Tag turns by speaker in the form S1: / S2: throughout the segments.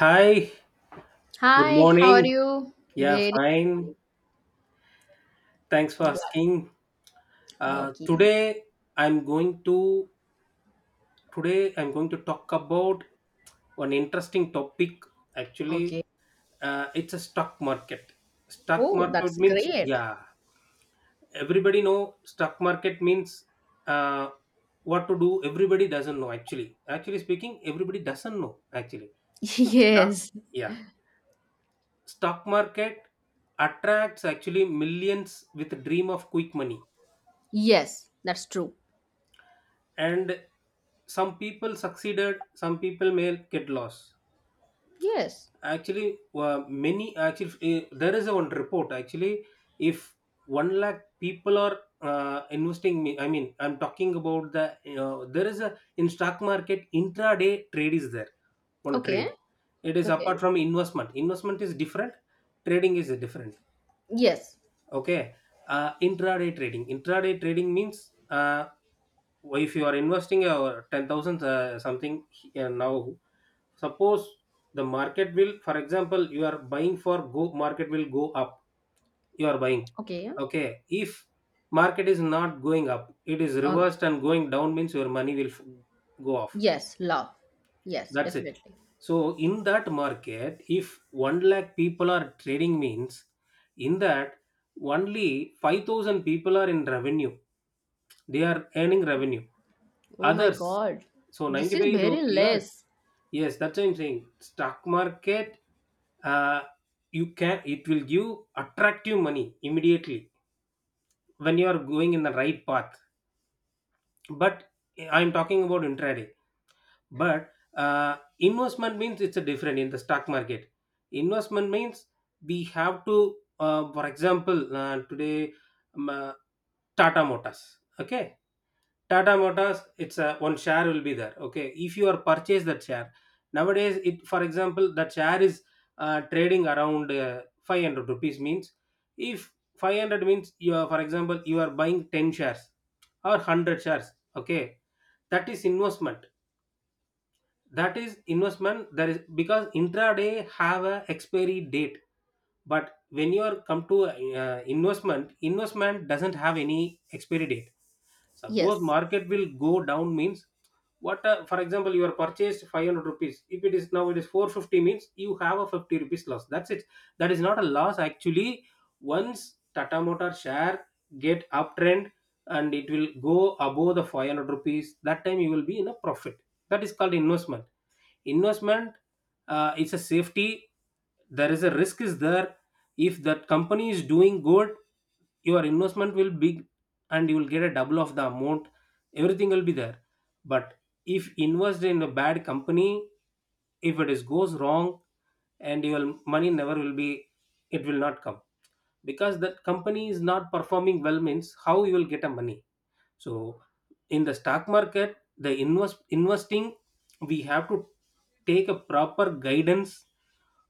S1: Hi, good
S2: Hi, how are
S1: morning.
S2: you?
S1: Yeah,
S2: Very
S1: fine.
S2: morning.
S1: Thanks for
S2: Glad.
S1: asking. Uh,
S2: Okay.
S1: today I'm going to today I'm going to talk about one interesting topic. Actually,
S2: Okay.
S1: it's a stock market. Stock
S2: Oh,
S1: market
S2: that's
S1: means,
S2: great.
S1: yeah, everybody know stock market means uh, what to do. Everybody doesn't know actually. Actually speaking, everybody doesn't know actually. Stock
S2: Yes.
S1: yeah stock market attracts actually millions with dream of quick money,
S2: Yes, that's true.
S1: and some people succeeded, some people may get lost
S2: Yes.
S1: actually. Many actually, there is a one report actually. If 1 lakh people are investing, me I mean I'm talking about the, there is a in stock market intraday trade is there, one trade.
S2: Okay.
S1: It is
S2: Okay.
S1: apart from investment. Investment is different. Trading is different.
S2: Yes.
S1: Okay. Intraday trading means if you are investing your 10,000 something here now. Suppose the market will, for example, you are buying for go, market will go up, you are buying.
S2: Okay.
S1: Okay, if market is not going up, it is
S2: Um,
S1: reversed and going down means your money will go off.
S2: yes, love. Yes,
S1: That's it.
S2: definitely.
S1: So in that market, if 1 lakh people are trading means, in that only 5,000 people are in revenue. They are earning revenue.
S2: Oh my
S1: Others,
S2: god.
S1: so
S2: This
S1: ninety
S2: is
S1: five
S2: very
S1: though, yes,
S2: less.
S1: yes, that's what I'm saying. Stock market, uh, you can, it will give attractive money immediately when you are going in the right path. But I'm talking about intraday. But investment means it's a different in the stock market. Investment means we have to for example today, um, uh, tata motors. Okay, tata motors, it's a one share will be there. Okay, if you are purchase that share, nowadays it, for example, that share is trading around 500 rupees means. If 500 means you are, for example, you are buying 10 shares or 100 shares. Okay, that is investment. That is investment. There is because intraday have a expiry date, but when you are come to investment. Investment doesn't have any expiry date. Suppose
S2: Yes.
S1: market will go down means, what, for example, you are purchased 500 rupees, if it is now it is 450 means you have a 50 rupees loss, that's it. That is not a loss actually. Once tata motor share get uptrend and it will go above the 500 rupees, that time you will be in a profit. That is called investment. Investment, it's a safety. There is a risk is there. If that company is doing good, your investment will be, and you will get a double of the amount, everything will be there. But if invest in a bad company, if it is goes wrong, and your money never will be, it will not come, because that company is not performing well means, how you will get a money. So in the stock market, the investing, we have to take a proper guidance.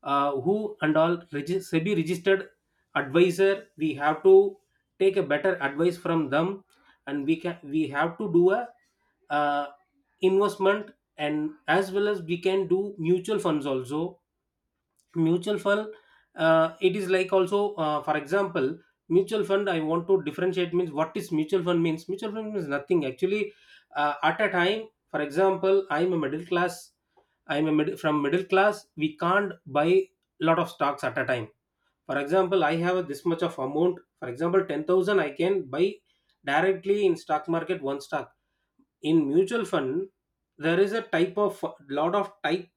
S1: Who and all SEBI registered advisor, we have to take a better advice from them, and we have to do a uh, investment, and as well as we can do mutual funds also. Mutual fund, it is like also for example, mutual fund I want to differentiate means, what is mutual fund means, mutual fund means nothing actually. At a time, for example, I'm a middle class, from middle class we can't buy lot of stocks at a time. For example, I have this much of amount, for example 10,000, I can buy directly in stock market one stock. In mutual fund, there is a type of, lot of type,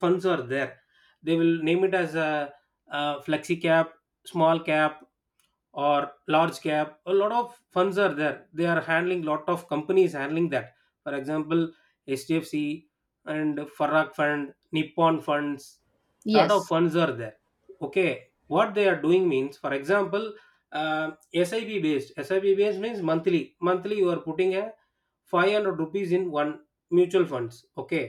S1: funds are there. They will name it as a flexi cap, small cap or large cap. A lot of funds are there, they are handling lot of companies handling that. For example, HDFC and farag fund, nippon funds, lot of
S2: Yes.
S1: funds are there. Okay, what they are doing means, for example, uh, sib based, means monthly you are putting a 500 rupees in one mutual funds. Okay,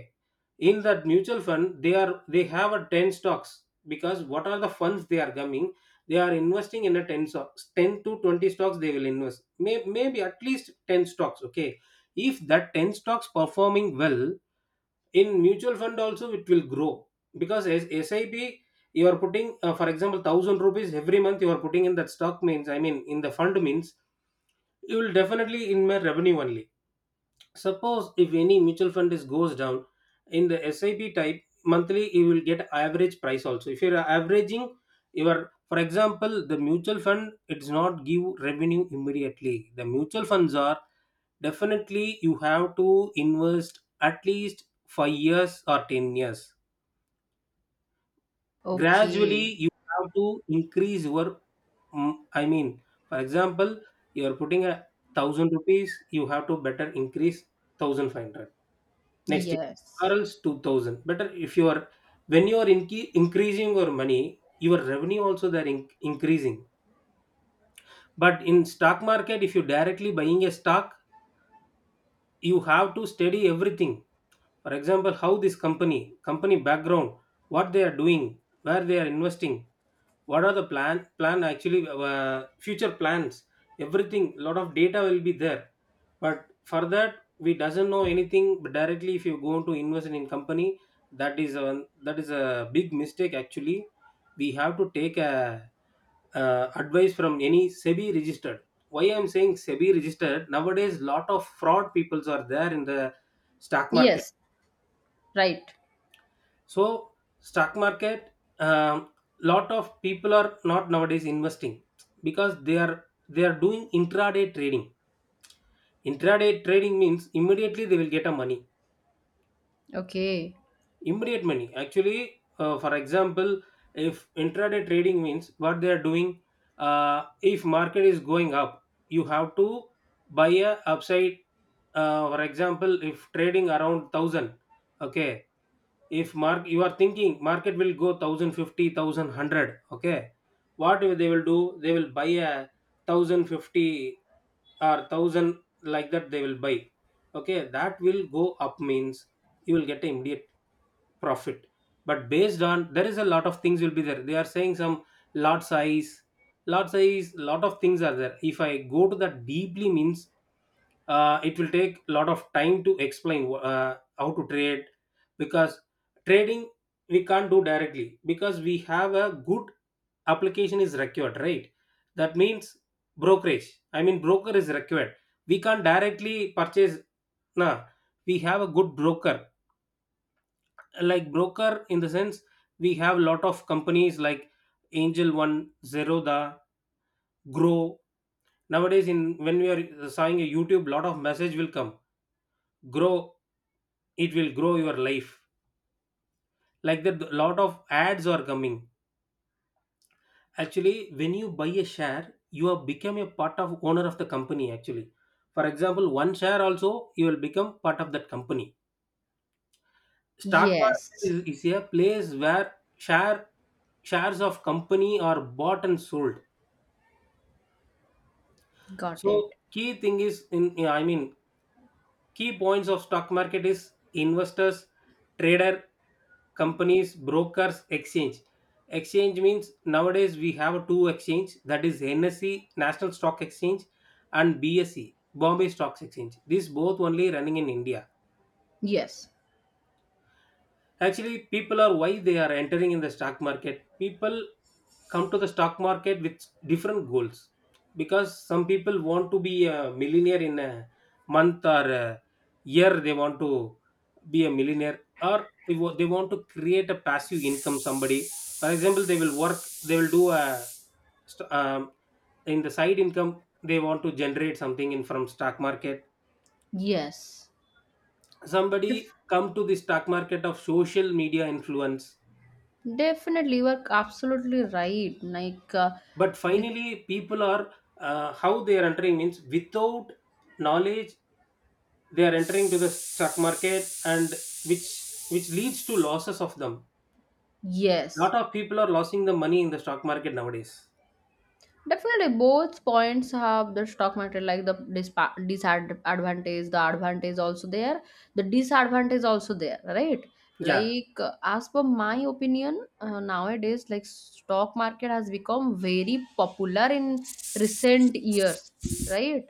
S1: in that mutual fund, they have a 10 stocks. Because what are the funds they are coming, they are investing in a 10 stocks, 10 to 20 stocks they will invest. May, maybe at least 10 stocks. Okay, if that 10 stocks performing well, in mutual fund also it will grow. Because as sip you are putting, for example, 1000 rupees every month, you are putting in that stock means, I mean in the fund means, you will definitely in my revenue only. Suppose if any mutual fund is goes down, in the SIP type monthly, you will get average price also. If you are averaging your, for example, the mutual fund, it does not give revenue immediately. The mutual funds are definitely you have to invest at least 5 years or 10 years. Gradually,
S2: Okay.
S1: you have to increase your. I mean, for example, you are putting a 1,000 rupees. You have to better increase 1,500 next year,
S2: Yes.
S1: or else 2000 better. If you are, when you are increasing your money, your revenue also they're increasing. But in stock market, if you directly buying a stock, you have to study everything. For example, how this company, company background, what they are doing, where they are investing, what are the plan actually, future plans, everything, lot of data will be there. But for that, we doesn't know anything, but directly if you go to invest in company, that is a, that is a big mistake actually. We have to take a, advice from any sebi registered, why I'm saying sebi registered, nowadays lot of fraud peoples are there in the stock market.
S2: Yes. Right.
S1: So stock market, um, lot of people are not nowadays investing, because they are doing intraday trading. Intraday trading means immediately they will get a money,
S2: Okay.
S1: immediate money actually. For example, if intraday trading means what they are doing, if market is going up, you have to buy a upside. For example, if trading around 1000, okay, if mark you are thinking market will go 1050. Okay, what will they will do, they will buy a 1050 or 1000 like that they will buy. Okay, that will go up means you will get immediate profit. But based on, there is a lot of things will be there, they are saying some lot size, lot size, lot of things are there. If I go to that deeply means, it will take a lot of time to explain how to trade. Because trading, we can't do directly because we have a good, application is required, right. That means brokerage, I mean broker is required. We can't directly purchase. Nah, we have a good broker, like broker in the sense, we have lot of companies like angel one, zeroda, grow. Nowadays, in when we are seeing a youtube, lot of message will come, grow, it will grow your life, like that, a lot of ads are coming. Actually, when you buy a share, you have become a part of owner of the company actually. For example, one share also you will become part of that company. Stock market
S2: Yes.
S1: is a place where shares of company are bought and sold.
S2: Got it.
S1: So key thing is, in, I mean, key points of stock market is investors, trader, companies, brokers, exchange. Exchange means, nowadays we have two exchange, that is NSE, National Stock Exchange, and BSE, Bombay Stocks Exchange. These both only running in India.
S2: Yes.
S1: Actually, people are why they are entering in the stock market. People come to the stock market with different goals, because some people want to be a millionaire in a month or a year, they want to be a millionaire. Or they they want to create a passive income. Somebody, for example, they will work, they will do a, st- um, in the side income, they want to generate something in from stock market.
S2: Yes.
S1: Somebody
S2: Def-
S1: come to the stock market of social media influence.
S2: definitely, you are absolutely right.
S1: But
S2: Like
S1: finally, people are, how they are entering means, without knowledge they are entering to the stock market, and which which leads to losses of them.
S2: yes,
S1: Lot of people are losing the money in the stock market nowadays.
S2: definitely both points have the stock market, like the disadvantage, the advantage also there, the disadvantage also there, right?
S1: Yeah.
S2: Like, as per my opinion, nowadays, like stock market has become very popular in recent years, right?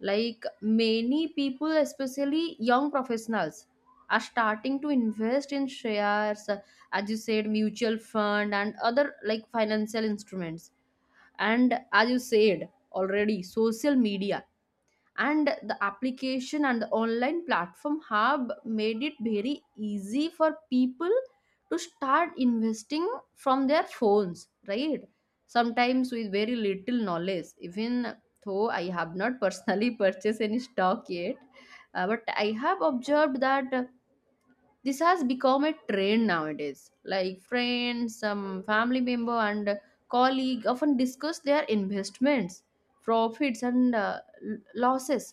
S2: Like many people, especially young professionals, are starting to invest in shares, as you said, mutual fund and other like financial instruments. And as you said already, social media and the application and the online platform have made it very easy for people to start investing from their phones, right? Sometimes with very little knowledge, even though I have not personally purchased any stock yet. But I have observed that this has become a trend nowadays. Like friends, some family member and colleague often discuss their investments, profits and losses.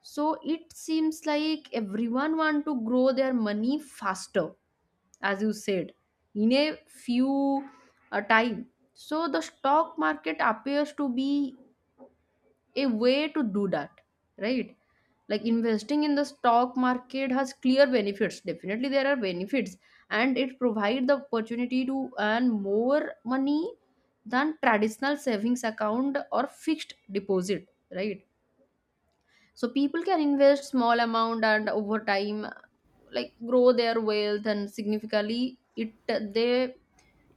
S2: So it seems like everyone want to grow their money faster, as you said, in a few time. So the stock market appears to be a way to do that, right? Like investing in the stock market has clear benefits. Definitely there are benefits, and it provides the opportunity to earn more money than traditional savings account or fixed deposit, right? So people can invest small amount and over time like grow their wealth, and significantly it they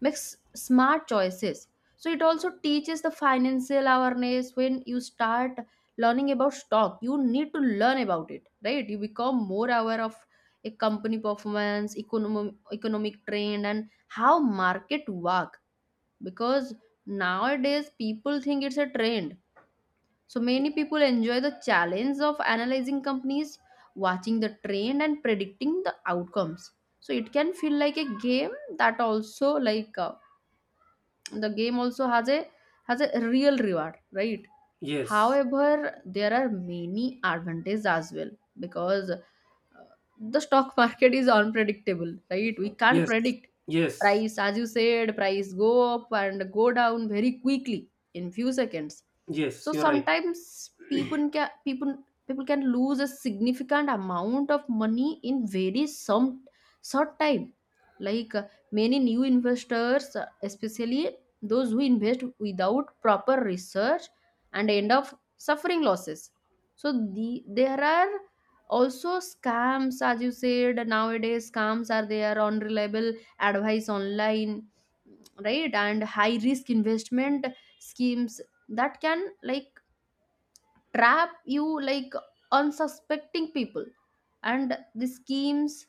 S2: makes smart choices. So it also teaches the financial awareness. When you start learning about stock, you need to learn about it, right? You become more aware of a company performance, economic trend, and how market work. Because nowadays people think it's a trend, so many people enjoy the challenge of analyzing companies, watching the trend and predicting the outcomes. So it can feel like a game that also like the game also has a real reward, right?
S1: Yes.
S2: However, there are many advantages as well, because the stock market is unpredictable, right? We can't
S1: Yes.
S2: predict
S1: Yes.
S2: price, as you said, price go up and go down very quickly in few seconds. So
S1: Yes, you're right.
S2: sometimes people can lose a significant amount of money in very some short time. Like many new investors, especially those who invest without proper research and end up suffering losses. So the there are also scams, as you said, nowadays scams are there, unreliable advice online, right, and high risk investment schemes that can like trap you like unsuspecting people, and the schemes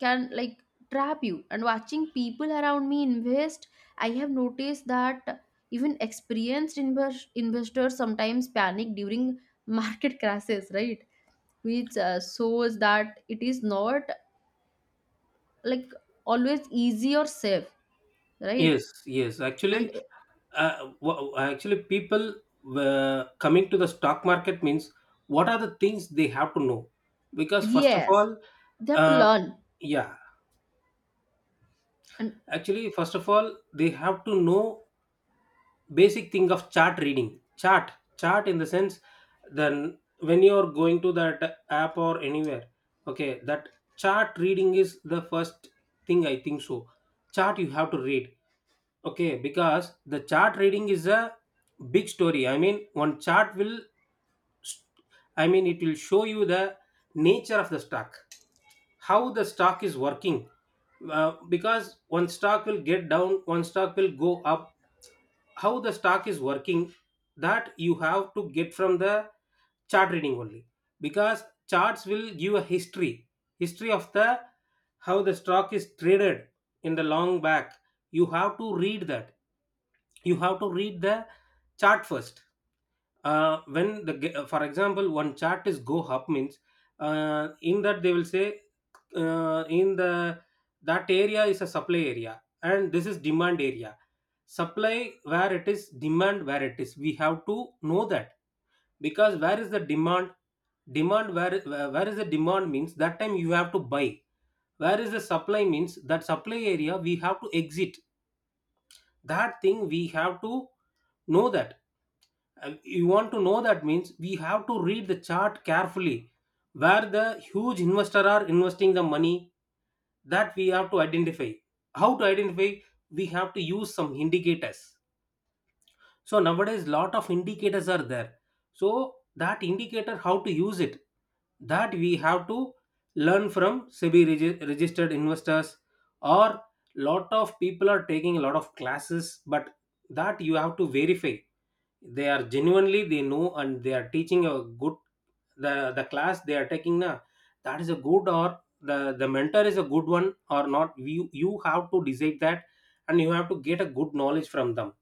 S2: can like trap you. And watching people around me invest, I have noticed that even experienced investors sometimes panic during market crashes, right? Which shows that it is not like always easy or safe, right?
S1: Yes. Yes
S2: And
S1: actually. uh, wha- actually people, coming to the stock market means, what are the things they have to know, because first of
S2: yes,
S1: all,
S2: they have to
S1: uh,
S2: learn.
S1: yeah,
S2: And
S1: actually, first of all, they have to know basic thing of chart reading. Chart, chart in the sense, then when you are going to that app or anywhere, okay, that chart reading is the first thing I think so. Chart you have to read, okay, because the chart reading is a big story. I mean, one chart will, I mean, it will show you the nature of the stock, how the stock is working because one stock will get down, one stock will go up. How the stock is working That you have to get from the chart reading only, because charts will give a history of the how the stock is traded in the long back. You have to read that. You have to read the chart first. For example, one chart is go up means, in that they will say, in the that area is a supply area and this is demand area. Supply where it is, demand where it is, we have to know that. Because where is the demand, demand where is the demand means that time you have to buy. Where is the supply means that supply area we have to exit. That thing we have to know that. And you want to know that means we have to read the chart carefully, where the huge investor are investing the money, that we have to identify. How to identify? We have to use some indicators. So nowadays lot of indicators are there, so that indicator how to use it, that we have to learn from registered investors, or lot of people are taking a lot of classes, but that you have to verify, they are genuinely they know and they are teaching a good, the class they are taking na, that is a good or the mentor is a good one or not, you have to decide that. And you have to get a good knowledge from them,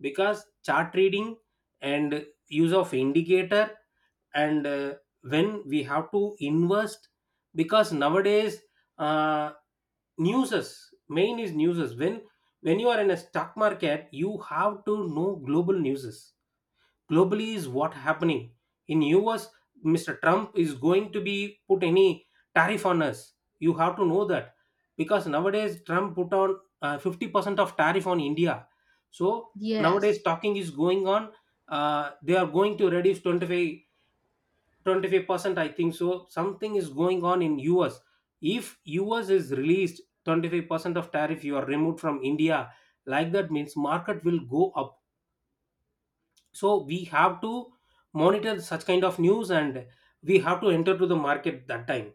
S1: because chart reading and use of indicator and when we have to invest. Because nowadays, uh, newses, main is newses. When you are in a stock market you have to know global newses, globally is what happening in US. Mr. Trump is going to be put any tariff on us, you have to know that. Because nowadays Trump put on, 50% of tariff on India. So
S2: yes,
S1: nowadays talking is going on, they are going to reduce 25, 25% I think so. Something is going on in US. If US is released 25% of tariff, you are removed from India. Like that means market will go up. So we have to monitor such kind of news, and we have to enter to the market that time.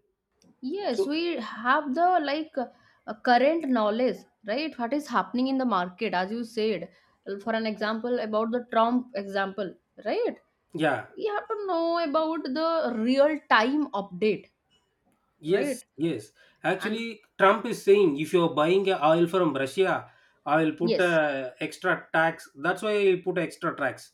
S2: yes,
S1: So
S2: we have the like current knowledge, right? What is happening in the market, as you said. For an example, about the Trump example, right?
S1: yeah,
S2: We have to know about the real time update,
S1: yes,
S2: right?
S1: yes.
S2: And
S1: Actually, Trump is saying if you're buying a oil from Russia, I will put
S2: yes,
S1: a extra tax. That's why I put extra tax.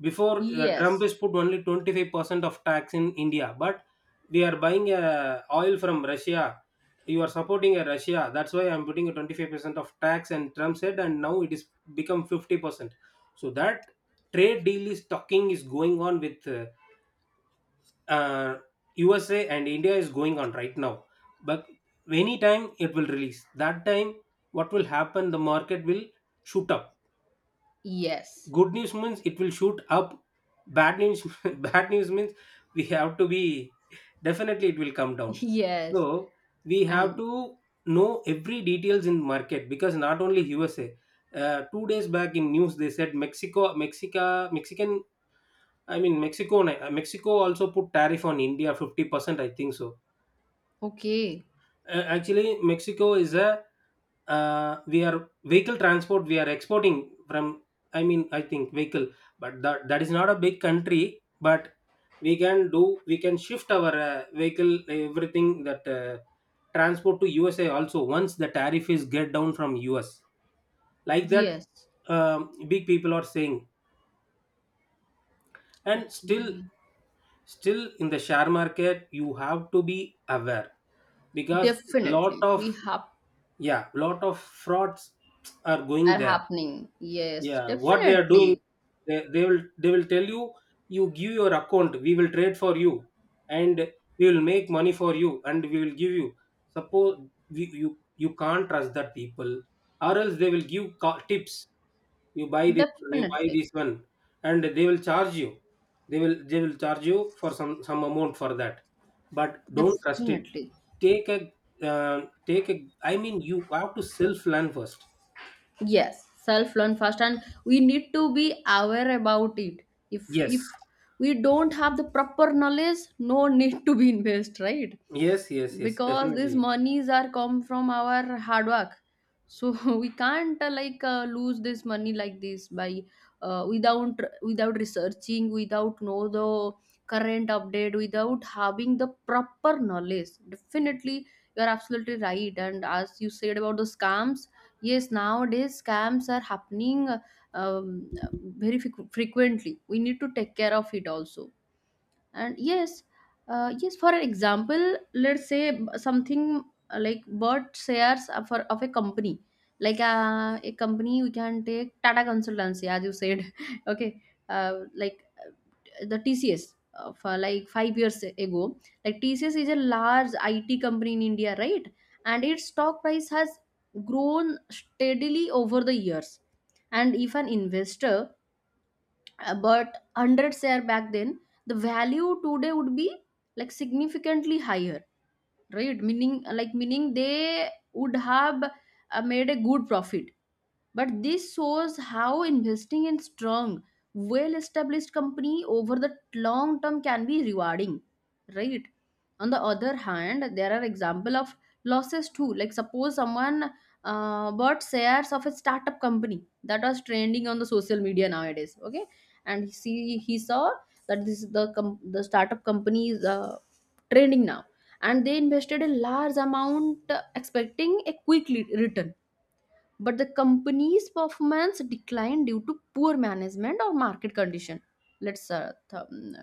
S1: Before, Trump
S2: yes,
S1: is put only 25% of tax in India, but we are buying oil from Russia. You are supporting a Russia. That's why I'm putting a 25% of tax. And Trump said, and now it is become 50%. So that trade deal is talking is going on with uh, USA and India is going on right now. But anytime it will release, that time what will happen? The market will shoot up.
S2: yes,
S1: Good news means it will shoot up. Bad news, bad news means we have to be, definitely it will come down.
S2: yes,
S1: So we have
S2: and
S1: to know every details in market, because not only USA. 2 days back in news they said Mexico, Mexica, Mexican, I mean Mexico. Mexico also put tariff on India 50%, I think so.
S2: okay,
S1: Actually, Mexico is a, we are vehicle transport. We are exporting from, I mean, I think vehicle, but that that is not a big country. But we can do. We can shift our vehicle everything, that transport to USA also once the tariff is get down from US. Like that,
S2: yes,
S1: big people are saying, and still,
S2: okay,
S1: still in the share market you have to be aware, because lot
S2: definitely.
S1: of,
S2: We have
S1: yeah, lot of frauds are going
S2: are
S1: there.
S2: happening. Yes,
S1: Yeah, what they are doing,
S2: definitely,
S1: they will they will tell you, you give your account, we will trade for you, and we will make money for you and we will give you suppose, you you can't trust that people, or else they will give tips, you buy this one, you buy
S2: definitely,
S1: this one, and they will charge you, they will charge you for some amount for that. But don't trust it.
S2: definitely.
S1: Take a, uh, take a, I mean you have to self learn first.
S2: Yes, self learn first, and we need to be aware about it. If
S1: Yes,
S2: we don't have the proper knowledge, no need to be invest, right?
S1: yes, yes, yes,
S2: Because these
S1: definitely.
S2: monies are come from our hard work. So we can't like lose this money like this by without without researching, without know the current update, without having the proper knowledge. Definitely you are absolutely right. And as you said about the scams, yes, nowadays scams are happening, um, very frequently. We need to take care of it also. And yes, yes, for an example, let's say something like bought shares of, for, of a company, like a company we can take Tata Consultancy, as you said. Okay, like the TCS for like 5 years ago. Like TCS is a large IT company in India, right? And its stock price has grown steadily over the years. And if an investor but 100 share back then, the value today would be like significantly higher, right? Meaning like meaning they would have made a good profit. But this shows how investing in strong, well established company over the long term can be rewarding, right? On the other hand, there are example of losses too. Like suppose someone bought shares of a startup company that was trending on the social media nowadays, okay? And he see he saw that this the the startup company is trending now, and they invested a large amount expecting a quick return, but the company's performance declined due to poor management or market condition. Let's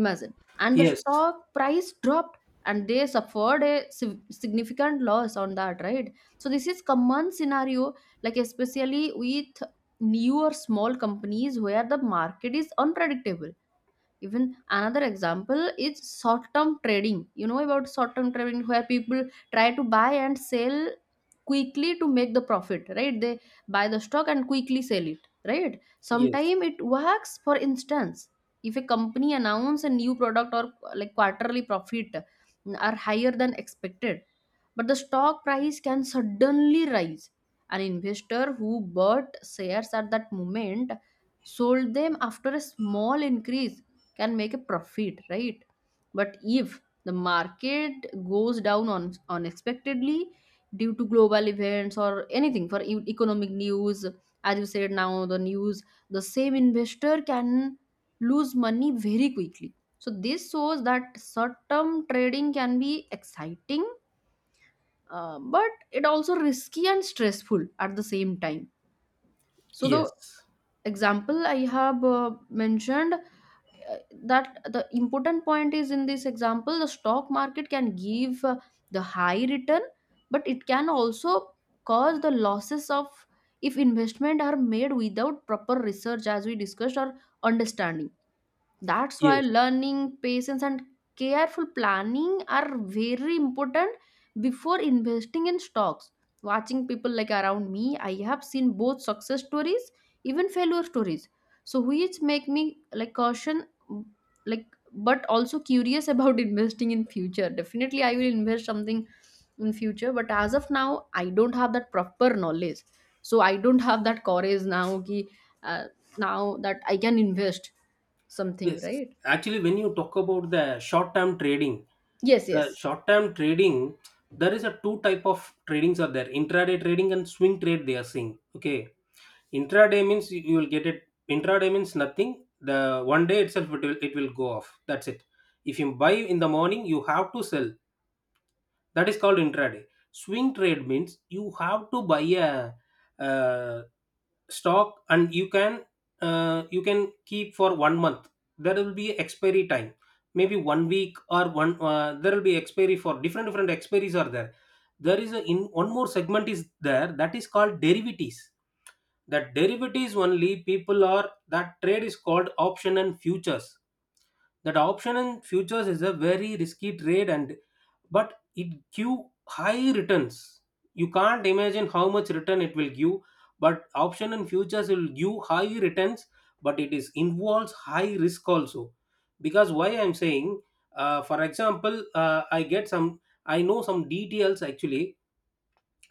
S2: imagine. And the
S1: Yes,
S2: stock price dropped, and they suffered a significant loss on that, right? So this is common scenario, like especially with new or small companies where the market is unpredictable. Even another example is short term trading. You know about short term trading where people try to buy and sell quickly to make the profit, right? They buy the stock and quickly sell it, right?
S1: yes,
S2: Sometime it works. For instance, if a company announce a new product, or like quarterly profit are higher than expected, but the stock price can suddenly rise. An investor who bought shares at that moment, sold them after a small increase, can make a profit, right? But if the market goes down on unexpectedly due to global events or anything for economic news, as you said now, the news, the same investor can lose money very quickly. So this shows that short-term trading can be exciting, but it also risky and stressful at the same time. So the
S1: yes,
S2: example I have mentioned, uh, that the important point is in this example the stock market can give the high return, but it can also cause the losses of if investment are made without proper research, as we discussed, or understanding. That's why
S1: yes,
S2: learning, patience and careful planning are very important before investing in stocks. Watching people like around me, I have seen both success stories, even failure stories. So which make me like caution, like, but also curious about investing in future. Definitely I will invest something in future, but as of now I don't have that proper knowledge. So I don't have that courage now ki, uh, now that I can invest something,
S1: yes.
S2: right?
S1: Actually when you talk about the short term trading,
S2: Yes,
S1: the
S2: yes,
S1: short term trading, there is a two type of tradings are there, intraday trading and swing trade they are saying. Okay, intraday means you you will get it. Intraday means nothing. The one day itself it will go off. That's it. If you buy in the morning, you have to sell. That is called intraday. Swing trade means you have to buy a, uh, stock and you can, you can keep for 1 month. There will be expiry time, maybe 1 week or one. There will be expiry for different different expiries are there. There is a, in one more segment is there, that is called derivatives. That derivatives only people are, that trade is called option and futures. That option and futures is a very risky trade, and but it give high returns. You can't imagine how much return it will give. But option and futures will give high returns, but it is involves high risk also. Because why I'm saying, for example, I get some, I know some details actually.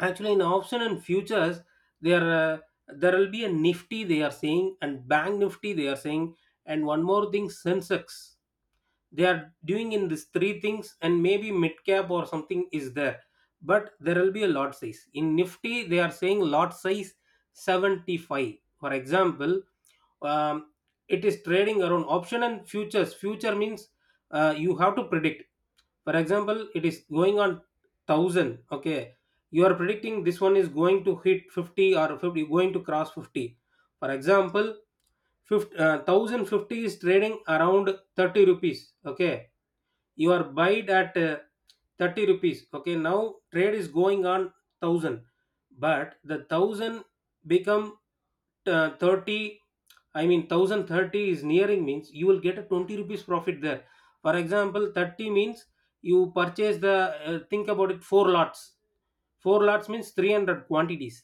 S1: Actually in option and futures, there there will be a Nifty they are saying, and Bank Nifty they are saying, and one more thing Sensex. They are doing in these three things, and maybe mid cap or something is there. But there will be a lot size in Nifty they are saying, lot size 75 for example. um, it is trading around, option and futures, future means, you have to predict. For example it is going on 1000, okay, you are predicting this one is going to hit 50, or 50 going to cross 50. For example 50, 1050 is trading around 30 rupees, okay, you are buyed at 30 rupees, okay. Now trade is going on 1000, but the 1000 become 30, I mean 1030 is nearing means you will get a 20 rupees profit there. For example 30 means you purchase the, think about it, four lots. Four lots means 300 quantities.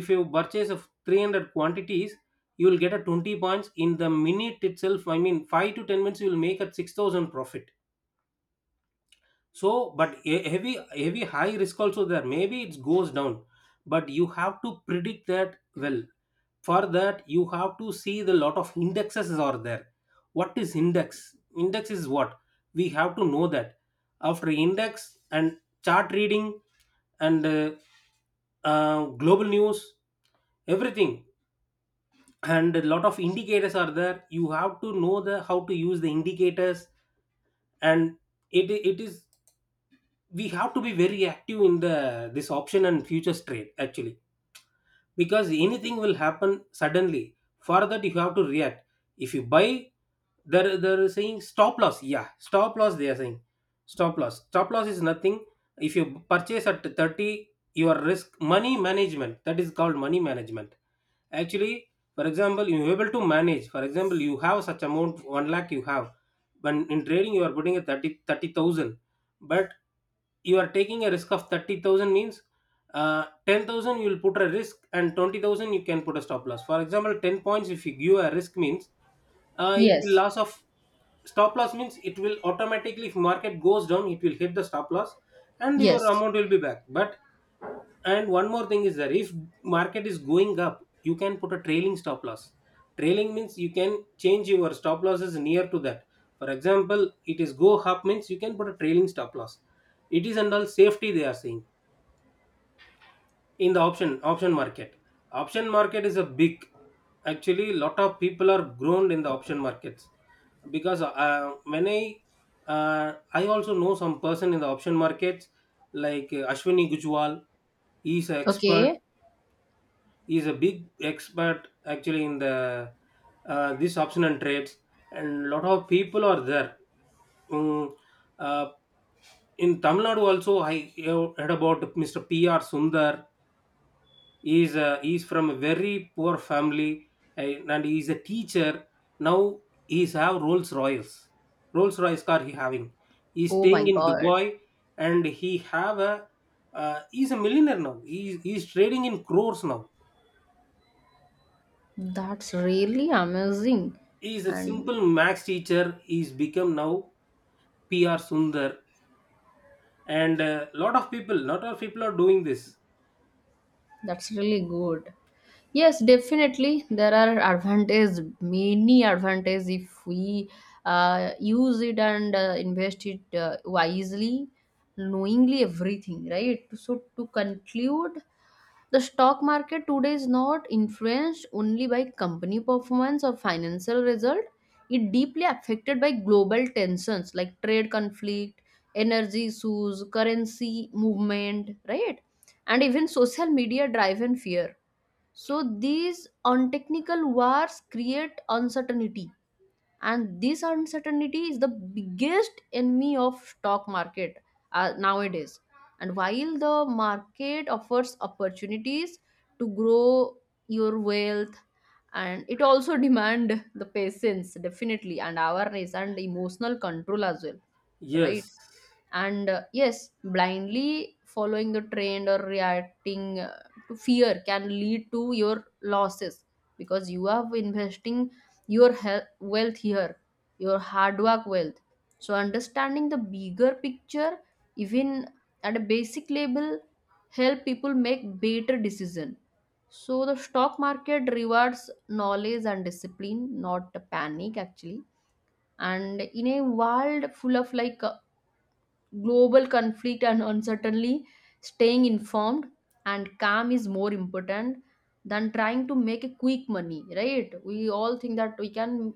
S1: If you purchase of 300 quantities, you will get a 20 points in the minute itself, I mean 5 to 10 minutes you will make a 6,000 profit. So, but a heavy heavy high risk also there. Maybe it goes down, but you have to predict that well. For that, you have to see the, lot of indexes are there. What is index? Index is what we have to know that. After index and chart reading and global news, everything, and a lot of indicators are there. You have to know the how to use the indicators. And it is we have to be very active in the this option and futures trade actually, because anything will happen suddenly, for that you have to react. If you buy, they're saying stop loss, yeah, stop loss they are saying. Stop loss, stop loss is nothing. If you purchase at 30, your risk money management, that is called money management actually. For example you're able to manage, for example you have such amount 1 lakh you have. When in trading you are putting a 30 30000, but you are taking a risk of 30,000 means, 10,000 you will put a risk and 20,000 you can put a stop loss. For example, 10 points if you give a risk means, it will
S2: yes,
S1: loss of, stop loss means it will automatically if market goes down it will hit the stop loss and your
S2: yes.
S1: amount will be back. But and one more thing is that if market is going up you can put a trailing stop loss. Trailing means you can change your stop losses near to that. For example, it is go up means you can put a trailing stop loss. It is and all safety they are saying in the option, option market. Option market is a big, actually lot of people are grown in the option markets. Because when I I also know some person in the option markets, like Ashwini Gujwal. He's an expert,
S2: Okay.
S1: he's a big expert actually in the, this option and trades, and lot of people are there. Mm, uh, in Tamil Nadu also I have heard about Mr. PR Sundar. He's, he's from a very poor family, and he's a teacher. Now he's have Rolls Royce, Rolls Royce car he having. He's
S2: Oh my
S1: staying in
S2: God.
S1: Dubai, and he have a, he's a millionaire now. He he's trading in crores now.
S2: That's really amazing.
S1: He's a
S2: And
S1: simple max teacher he's become now. PR Sundar. And a lot of people, lot of people are doing this.
S2: that's really good. Yes, definitely. There are advantages, many advantages if we use it and invest it wisely, knowingly, everything, right? So to conclude, the stock market today is not influenced only by company performance or financial result. It deeply affected by global tensions like trade conflict, energy issues, currency movement, right? And even social media driven fear. So these untechnical wars create uncertainty, and this uncertainty is the biggest enemy of stock market nowadays. And while the market offers opportunities to grow your wealth, and it also demand the patience, definitely, and awareness and emotional control as well, right?
S1: Yes,
S2: And yes, blindly following the trend or reacting to fear can lead to your losses, because you are investing your health, wealth here, your hard work wealth. So understanding the bigger picture, even at a basic level, help people make better decision. So the stock market rewards knowledge and discipline, not panic, actually. And in a world full of like global conflict and uncertainty, staying informed and calm is more important than trying to make a quick money, right? We all think that we can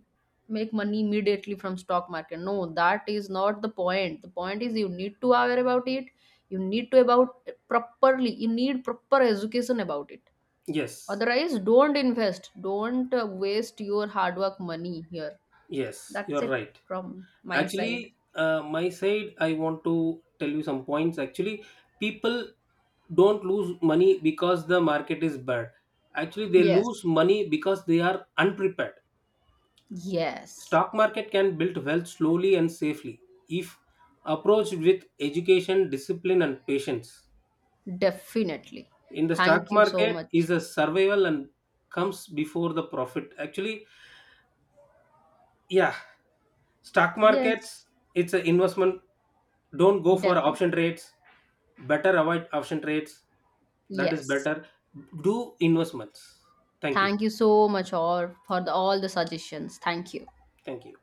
S2: make money immediately from stock market. No, that is not the point. The point is you need to aware about it. You need to about properly. You need proper education about it.
S1: yes,
S2: Otherwise, don't invest. Don't waste your hard work money here.
S1: yes,
S2: That's
S1: you're
S2: it
S1: right.
S2: from my side.
S1: Actually, my side, I want to tell you some points. Actually, people don't lose money because the market is bad. Actually, they
S2: Yes.
S1: lose money because they are unprepared.
S2: Yes.
S1: Stock market can build wealth slowly and safely if approached with education, discipline, and patience.
S2: Definitely.
S1: In the stock
S2: Thank you so
S1: market,
S2: much.
S1: is a survival and comes before the profit. Actually, yeah, stock
S2: Yes,
S1: markets, it's an investment. Don't go for
S2: definitely.
S1: option trades, better avoid option trades, that is
S2: Yes.
S1: better. Do investments. Thank you.
S2: Thank you so much all for the, all the suggestions. Thank you.
S1: Thank you.